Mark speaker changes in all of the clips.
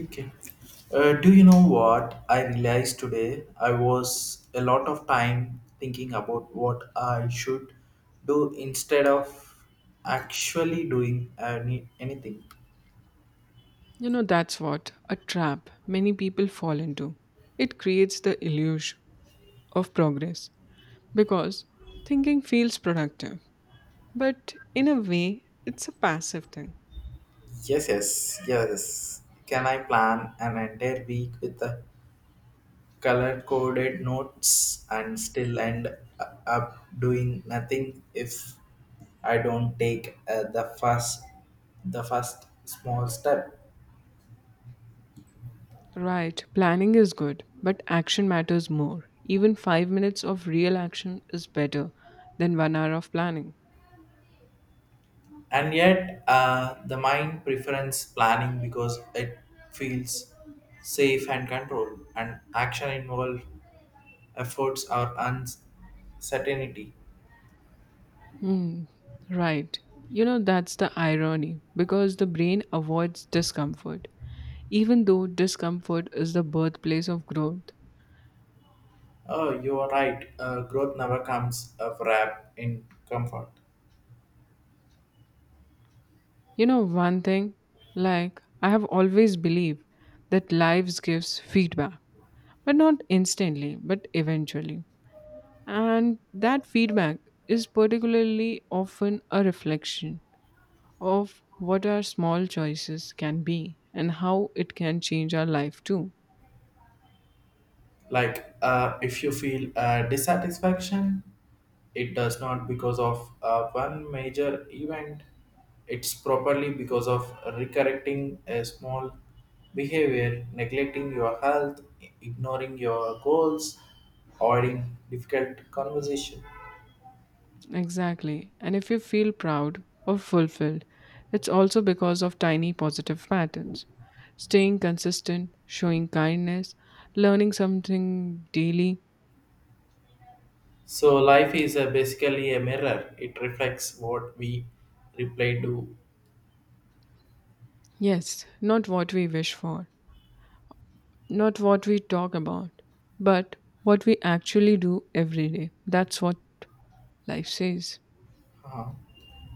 Speaker 1: Okay. Do you know what I realized today? I was a lot of time thinking about what I should do instead of actually doing anything.
Speaker 2: You know, that's what a trap many people fall into. It creates the illusion of progress because thinking feels productive, but in a way, it's a passive thing.
Speaker 1: Yes, yes, yes. Can I plan an entire week with the color coded notes and still end up doing nothing if I don't take the first small step?
Speaker 2: Right, planning is good, but action matters more. Even 5 minutes of real action is better than 1 hour of planning.
Speaker 1: And yet the mind preference planning because it feels safe and controlled and action involved efforts or uncertainty.
Speaker 2: Hmm, right. You know, that's the irony because the brain avoids discomfort, even though discomfort is the birthplace of growth.
Speaker 1: Oh, you are right. Growth never comes a wrap in comfort.
Speaker 2: You know, one thing, like, I have always believed that lives gives feedback, but not instantly, but eventually. And that feedback is particularly often a reflection of what our small choices can be and how it can change our life too.
Speaker 1: Like, if you feel dissatisfaction, it does not because of one major event. It's properly because of recorrecting a small behavior, neglecting your health, ignoring your goals, avoiding difficult conversation.
Speaker 2: Exactly. And if you feel proud or fulfilled, it's also because of tiny positive patterns. Staying consistent, showing kindness, learning something daily.
Speaker 1: So life is basically a mirror. It reflects what we reply to.
Speaker 2: Yes, not what we wish for, not what we talk about, but what we actually do every day. That's what life says.
Speaker 1: uh,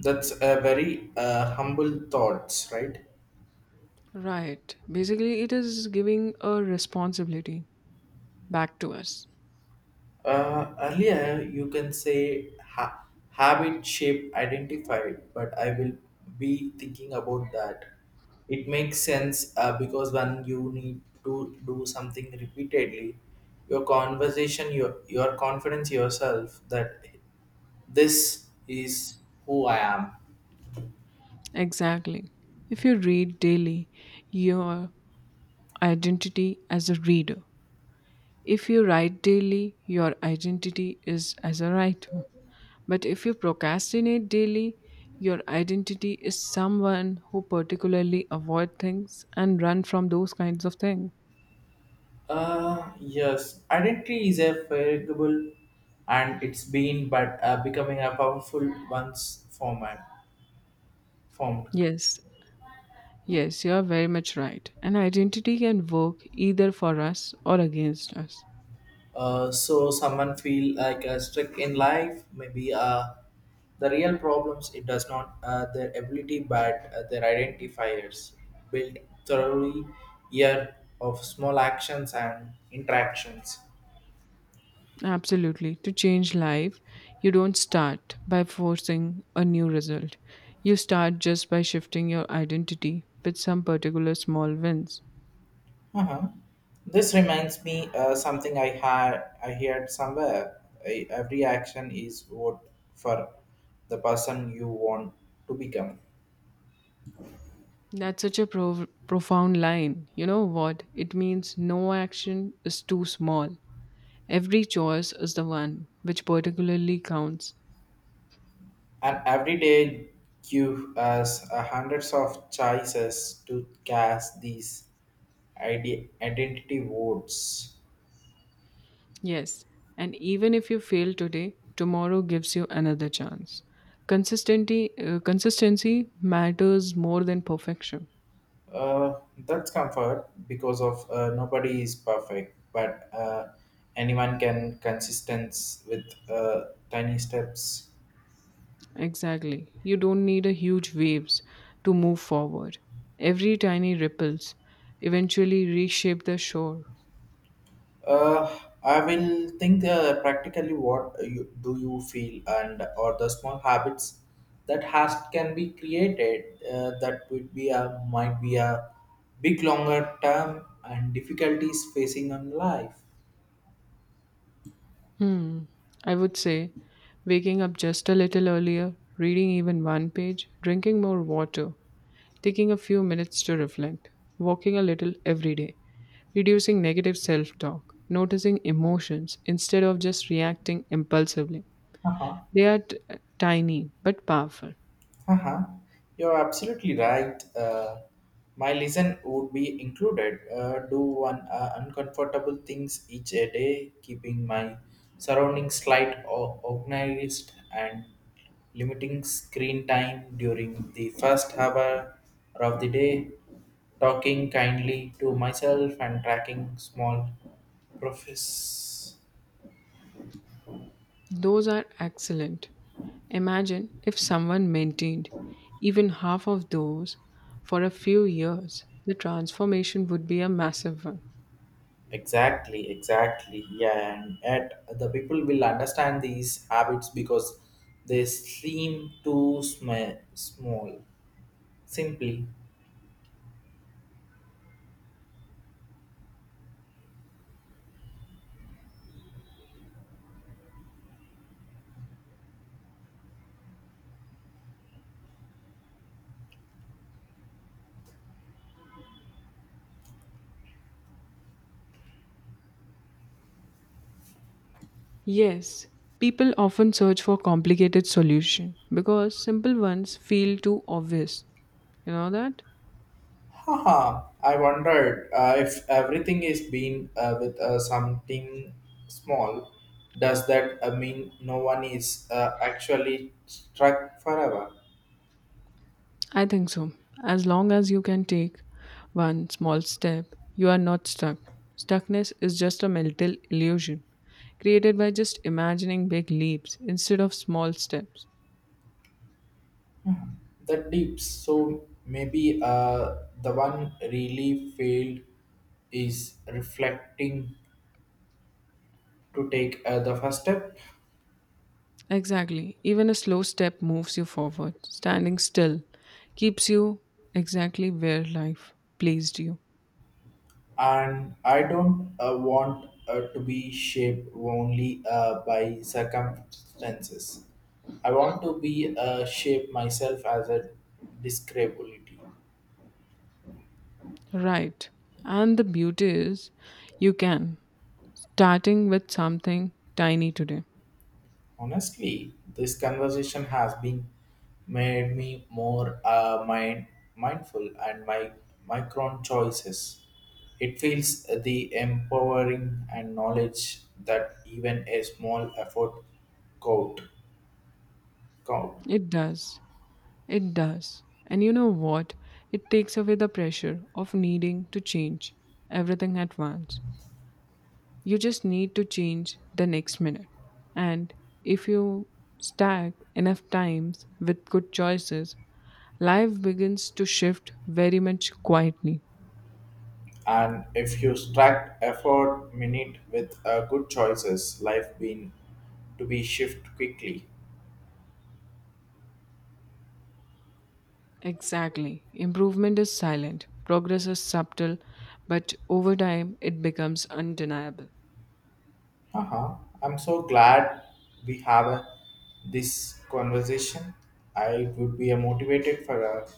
Speaker 1: that's a very humble thoughts, right?
Speaker 2: Right. Basically, it is giving a responsibility back to us.
Speaker 1: Earlier, you can say habit shape identified, but I will be thinking about that. It makes sense because when you need to do something repeatedly, your conversation, your confidence yourself that this is who I am.
Speaker 2: Exactly. If you read daily, your identity as a reader. If you write daily, your identity is as a writer. But if you procrastinate daily, your identity is someone who particularly avoid things and run from those kinds of things.
Speaker 1: Yes, identity is a variable, and it's been but becoming a powerful one's format formed.
Speaker 2: Yes, yes, you are very much right. An identity can work either for us or against us.
Speaker 1: So someone feel like stuck in life, maybe the real problems it does not their ability but their identifiers built thoroughly year of small actions and interactions.
Speaker 2: Absolutely. To change life, you don't start by forcing a new result. You start just by shifting your identity with some particular small wins.
Speaker 1: Uh-huh. This reminds me something I heard somewhere. Every action is vote for the person you want to become.
Speaker 2: That's such a profound line. You know what? It means no action is too small. Every choice is the one which particularly counts.
Speaker 1: And every day give us a hundreds of choices to cast these identity votes.
Speaker 2: Yes, and even if you fail today, tomorrow gives you another chance. Consistency, consistency matters more than perfection.
Speaker 1: Uh, that's comfort because of nobody is perfect, but anyone can consistence with tiny steps.
Speaker 2: Exactly. You don't need a huge waves to move forward. Every tiny ripples eventually reshape the shore.
Speaker 1: Uh, I will think practically what do you feel and or the small habits that has can be created, that would be a might be a big longer term and difficulties facing on life.
Speaker 2: Hmm. I would say waking up just a little earlier, reading even one page, drinking more water, taking a few minutes to reflect, walking a little every day, reducing negative self talk, noticing emotions instead of just reacting impulsively.
Speaker 1: Uh-huh.
Speaker 2: They are tiny but powerful.
Speaker 1: Uh-huh. You're absolutely right. My listen would be included. Do one uncomfortable things each a day, keeping my surroundings slight or organized and limiting screen time during the first hour of the day, talking kindly to myself and tracking small profits.
Speaker 2: Those are excellent. Imagine if someone maintained even half of those for a few years, the transformation would be a massive one.
Speaker 1: Exactly, exactly. Yeah, and yet the people will understand these habits because they seem too small. Simply,
Speaker 2: Yes, people often search for complicated solution because simple ones feel too obvious. You know that?
Speaker 1: haha, I wondered if everything is being with something small, does that mean no one is actually struck forever?
Speaker 2: I think so. As long as you can take one small step, you are not stuck. Stuckness is just a mental illusion created by just imagining big leaps instead of small steps.
Speaker 1: The dips, so maybe the one really failed is reflecting to take the first step.
Speaker 2: Exactly. Even a slow step moves you forward. Standing still keeps you exactly where life placed you.
Speaker 1: And I don't want to be shaped only by circumstances. I want to be shape myself as a describability.
Speaker 2: Right. And the beauty is you can. Starting with something tiny today.
Speaker 1: Honestly, this conversation has been made me more mindful and my micron choices. It feels the empowering and knowledge that even a small effort count. count.
Speaker 2: It does. It does. And you know what? It takes away the pressure of needing to change everything at once. You just need to change the next minute. And if you stack enough times with good choices, life begins to shift very much quietly.
Speaker 1: And if you stack effort minute with good choices, life being to be shift quickly.
Speaker 2: Exactly. Improvement is silent, progress is subtle, but over time it becomes undeniable.
Speaker 1: Uh-huh. I'm so glad we have this conversation. I would be motivated for a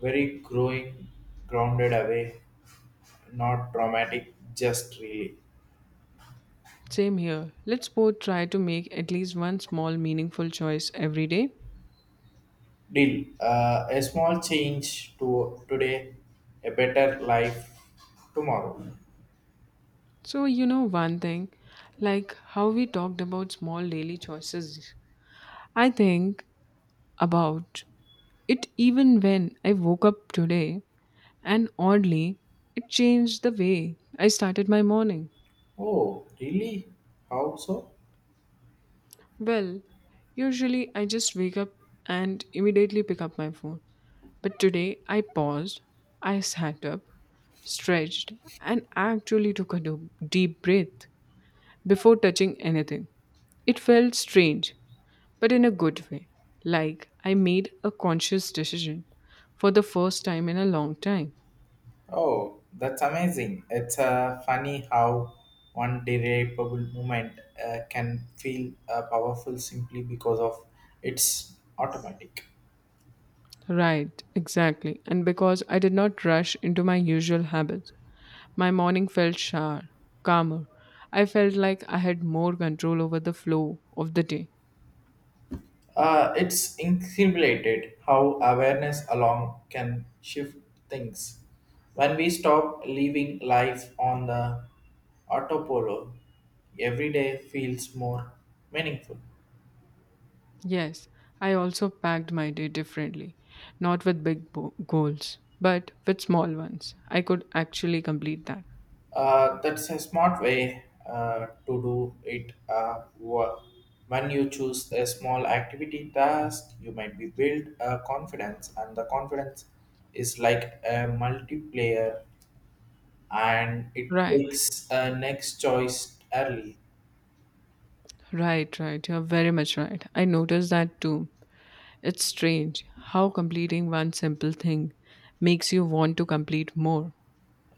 Speaker 1: very growing, grounded away, not dramatic, just really.
Speaker 2: Same here. Let's both try to make at least one small meaningful choice every day.
Speaker 1: Deal. A small change to today, a better life tomorrow.
Speaker 2: So, you know, one thing, like how we talked about small daily choices, I think about it even when I woke up today, and oddly, it changed the way I started my morning.
Speaker 1: Oh, really? How so?
Speaker 2: Well, usually I just wake up and immediately pick up my phone. But today I paused, I sat up, stretched, and actually took a deep breath before touching anything. It felt strange, but in a good way. Like I made a conscious decision for the first time in a long time.
Speaker 1: Oh, that's amazing. It's funny how one derivable movement can feel powerful simply because of its automatic.
Speaker 2: Right, exactly. And because I did not rush into my usual habits, my morning felt sharper, calmer. I felt like I had more control over the flow of the day.
Speaker 1: It's incredible how awareness alone can shift things. When we stop living life on the autopilot, every day feels more meaningful.
Speaker 2: Yes, I also packed my day differently, not with big goals, but with small ones. I could actually complete that.
Speaker 1: That's a smart way to do it. When you choose a small activity task, you might be build a confidence, and the confidence is like a multiplayer, and it
Speaker 2: Right,
Speaker 1: takes a next choice early.
Speaker 2: right, right. You're very much right. I noticed that too. It's strange how completing one simple thing makes you want to complete more.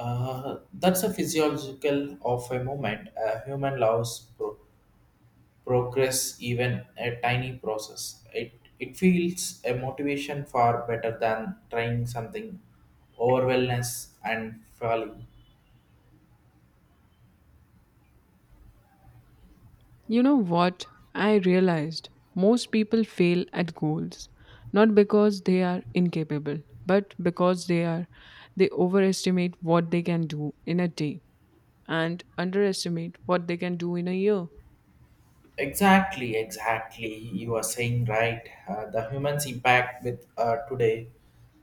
Speaker 1: That's a physiological of a moment. A human loves progress even a tiny process it feels a motivation far better than trying something overwhelmness and failing.
Speaker 2: You know what? I realized most people fail at goals not because they are incapable, but because they overestimate what they can do in a day and underestimate what they can do in a year.
Speaker 1: Exactly, exactly, you are saying right. The humans impact with today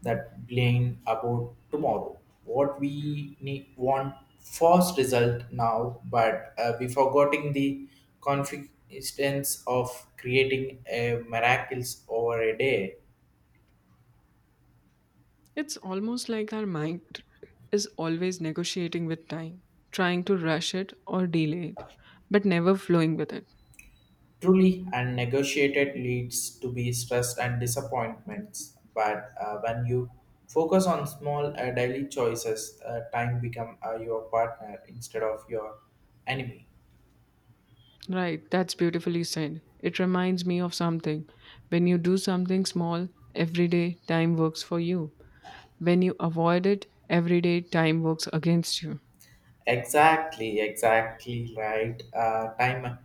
Speaker 1: that blame about tomorrow, what we need want first result now, but we forgetting the confidence of creating a miracles over a day.
Speaker 2: It's almost like our mind is always negotiating with time, trying to rush it or delay it, but never flowing with it.
Speaker 1: Truly unnegotiated leads to be stress and disappointments, but when you focus on small daily choices, time become your partner instead of your enemy.
Speaker 2: Right, that's beautifully said. It reminds me of something. When you do something small every day, time works for you. When you avoid it, everyday time works against you.
Speaker 1: Exactly, exactly, right. Time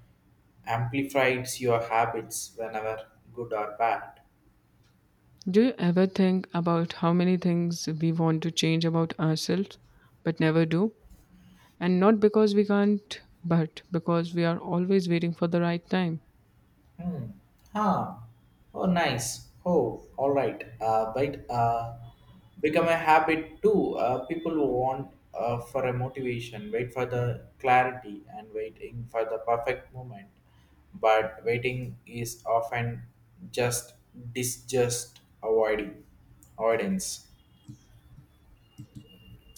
Speaker 1: amplifies your habits whenever good or bad.
Speaker 2: Do you ever think about how many things we want to change about ourselves but never do? And not because we can't, but because we are always waiting for the right time.
Speaker 1: Hmm. Ah. Oh, nice. Oh, all right. But become a habit too. People who want for a motivation, wait for the clarity, and waiting for the perfect moment. But waiting is often just disjust avoiding avoidance.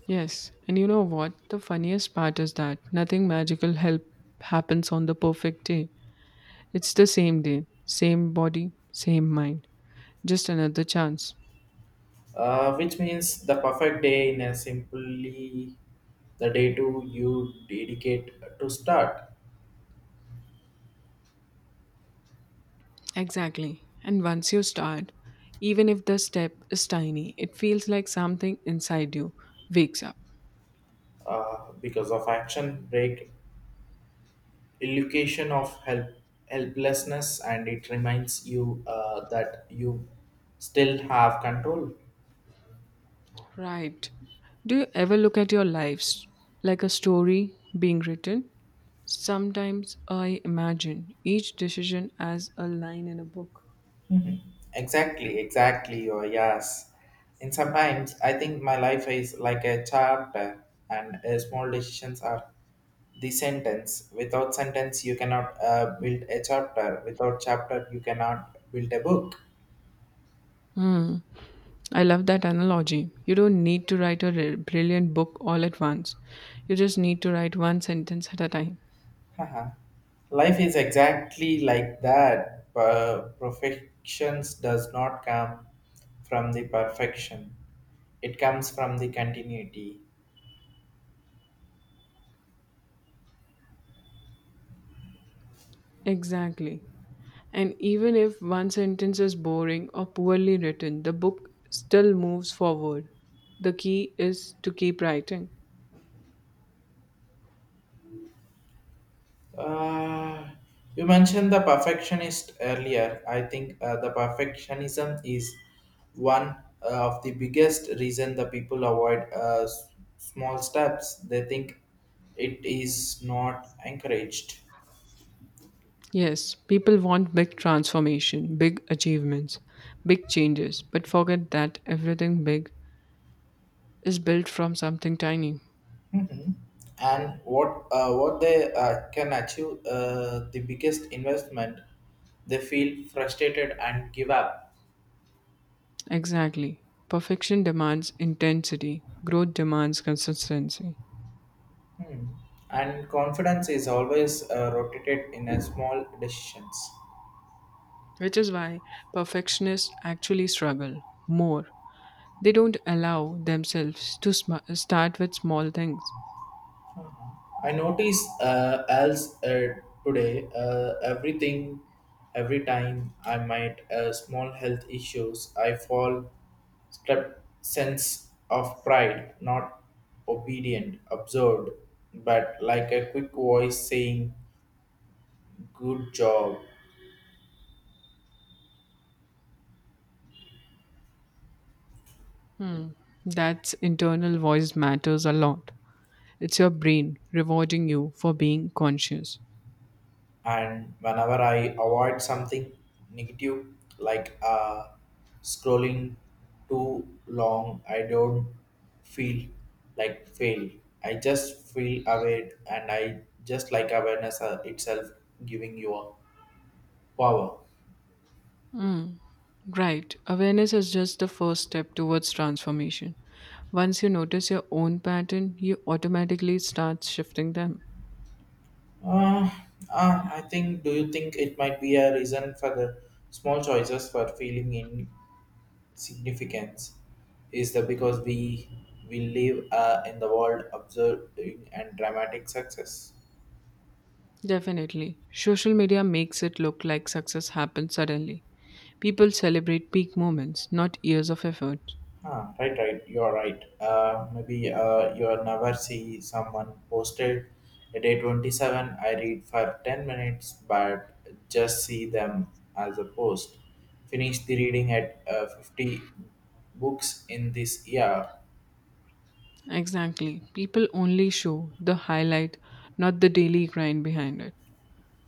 Speaker 2: Yes, and you know what? The funniest part is that nothing magical help happens on the perfect day. It's the same day, same body, same mind. Just another chance.
Speaker 1: Which means the perfect day in a simply the day to you dedicate to start.
Speaker 2: Exactly. And once you start, even if the step is tiny, it feels like something inside you wakes up.
Speaker 1: Because of action break illusion of helplessness and it reminds you that you still have control.
Speaker 2: Right. Do you ever look at your lives like a story being written? Sometimes I imagine each decision as a line in a book.
Speaker 1: Exactly, exactly, or yes. And sometimes I think my life is like a chapter and small decisions are the sentence. Without sentence you cannot build a chapter, without chapter you cannot build a book.
Speaker 2: Hmm. I love that analogy. You don't need to write a brilliant book all at once. You just need to write one sentence at a time.
Speaker 1: Haha. Life is exactly like that. Perfections does not come from the perfection. It comes from the continuity.
Speaker 2: Exactly. And even if one sentence is boring or poorly written, the book still moves forward. The key is to keep writing.
Speaker 1: Uh, you mentioned the perfectionist earlier. I think the perfectionism is one of the biggest reason the people avoid small steps. They think it is not encouraged.
Speaker 2: Yes, people want big transformation, big achievements, big changes, but forget that everything big is built from something tiny.
Speaker 1: Mhm. And what they can achieve the biggest investment, they feel frustrated and give up.
Speaker 2: Exactly. Perfection demands intensity, growth demands consistency,
Speaker 1: Hmm. And confidence is always rotated in a small decisions.
Speaker 2: which is why perfectionists actually struggle more. They don't allow themselves to start with small things.
Speaker 1: I notice else today, every time I might small health issues I fall step sense of pride not obedient absorbed, but like a quick voice saying good job.
Speaker 2: That's internal voice matters a lot. It's your brain rewarding you for being conscious.
Speaker 1: And whenever I avoid something negative like scrolling too long, I don't feel like fail. I just feel aware and I just like awareness itself giving you a power.
Speaker 2: Right. Awareness is just the first step towards transformation. Once you notice your own pattern, you automatically start shifting them.
Speaker 1: uh, I think, do you think it might be a reason for the small choices for feeling in significance? Is that because we live in the world observing and dramatic success?
Speaker 2: Definitely. Social media makes it look like success happens suddenly. People celebrate peak moments, not years of effort.
Speaker 1: Ah, right, right. You're right. Maybe you'll never see someone posted at day 27. I read for 10 minutes, but just see them as a post. Finish the reading at 50 books in this year.
Speaker 2: Exactly. People only show the highlight, not the daily grind behind it.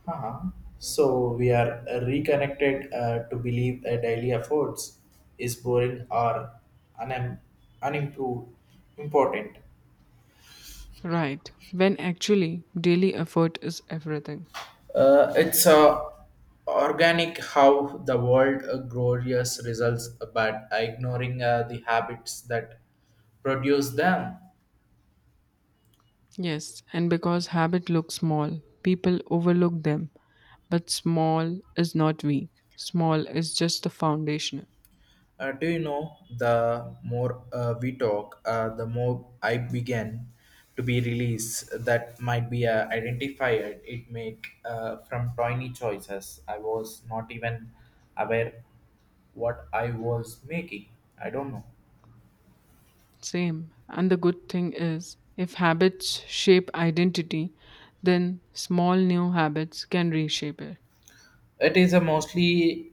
Speaker 1: Uh-huh. So we are reconnected to believe a daily efforts is boring or unim- unimproved important.
Speaker 2: Right. When actually, daily effort is everything.
Speaker 1: It's organic how the world glorious results, but ignoring the habits that produce them.
Speaker 2: Yes, and because habit looks small, people overlook them. But small is not weak, small is just the foundation.
Speaker 1: Do you know, the more we talk, the more I began to be released that might be identified it make from tiny choices. I was not even aware what I was making. I don't know.
Speaker 2: Same. And the good thing is, if habits shape identity, then small new habits can reshape it.
Speaker 1: It is a mostly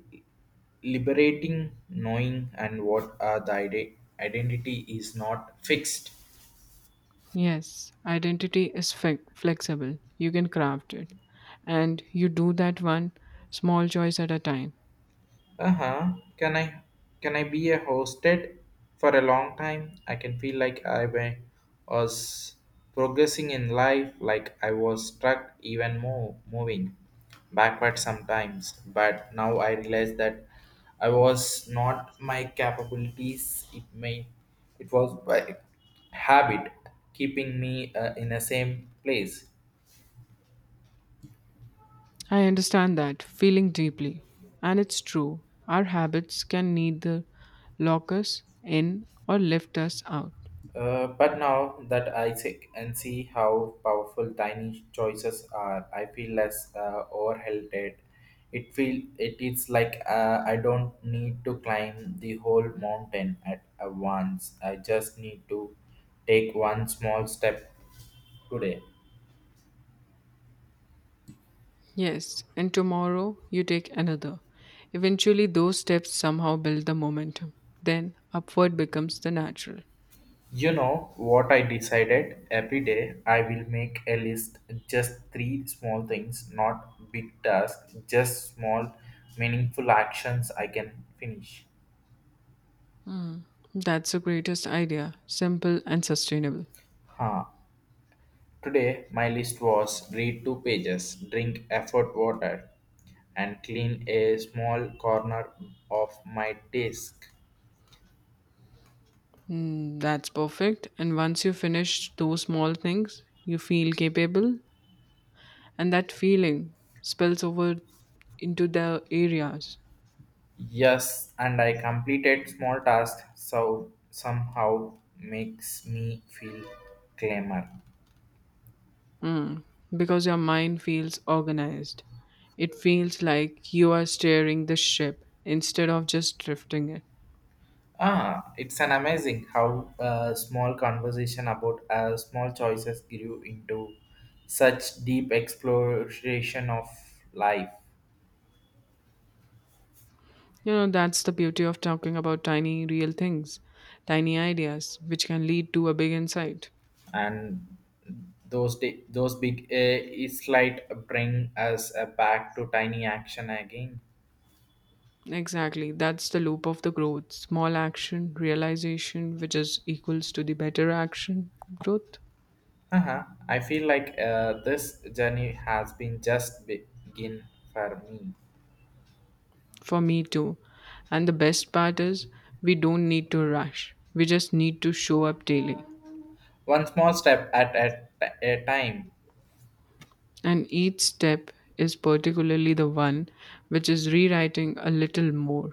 Speaker 1: liberating knowing and what the identity is not fixed.
Speaker 2: Yes, identity is flexible. You can craft it. And you do that one small choice at a time.
Speaker 1: Uh-huh. Can I be a hosted for a long time. I can feel like was progressing in life like I was stuck even more moving backward sometimes. But now I realize that I was not my capabilities, it was by habit keeping me in the same place.
Speaker 2: I understand that feeling deeply. And it's true. Our habits can neither lock us in or lift us out.
Speaker 1: But now that I see how powerful tiny choices are, I feel less overwhelmed. It is like I don't need to climb the whole mountain at once. I just need to take one small step today.
Speaker 2: Yes, and tomorrow you take another. Eventually, those steps somehow build the momentum. Then upward becomes the natural.
Speaker 1: You know what I decided? Every day I will make a list, just three small things, not big tasks, just small meaningful actions I can finish.
Speaker 2: That's the greatest idea, simple and sustainable.
Speaker 1: Huh. Today, my list was read two pages, drink effort water, and clean a small corner of my desk.
Speaker 2: Mm, that's perfect. And once you finish those small things, you feel capable, and that feeling spills over into the areas.
Speaker 1: Yes, and I completed small tasks, so somehow makes me feel clamor.
Speaker 2: Mm, because your mind feels organized. It feels like you are steering the ship instead of just drifting it.
Speaker 1: Ah, it's an amazing how a small conversation about small choices grew into such deep exploration of life.
Speaker 2: You know, that's the beauty of talking about tiny, real things, tiny ideas, which can lead to a big insight.
Speaker 1: And those big slight bring us back to tiny action again.
Speaker 2: Exactly. That's the loop of the growth. Small action, realization, which is equals to the better action, growth.
Speaker 1: Uh-huh. I feel like this journey has been just begin for me.
Speaker 2: For me too. And the best part is we don't need to rush. We just need to show up daily.
Speaker 1: One small step at a time.
Speaker 2: And each step is particularly the one which is rewriting a little more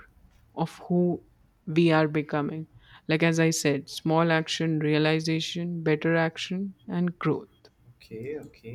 Speaker 2: of who we are becoming. Like as I said, small action, realization, better action, and growth.
Speaker 1: Okay, okay.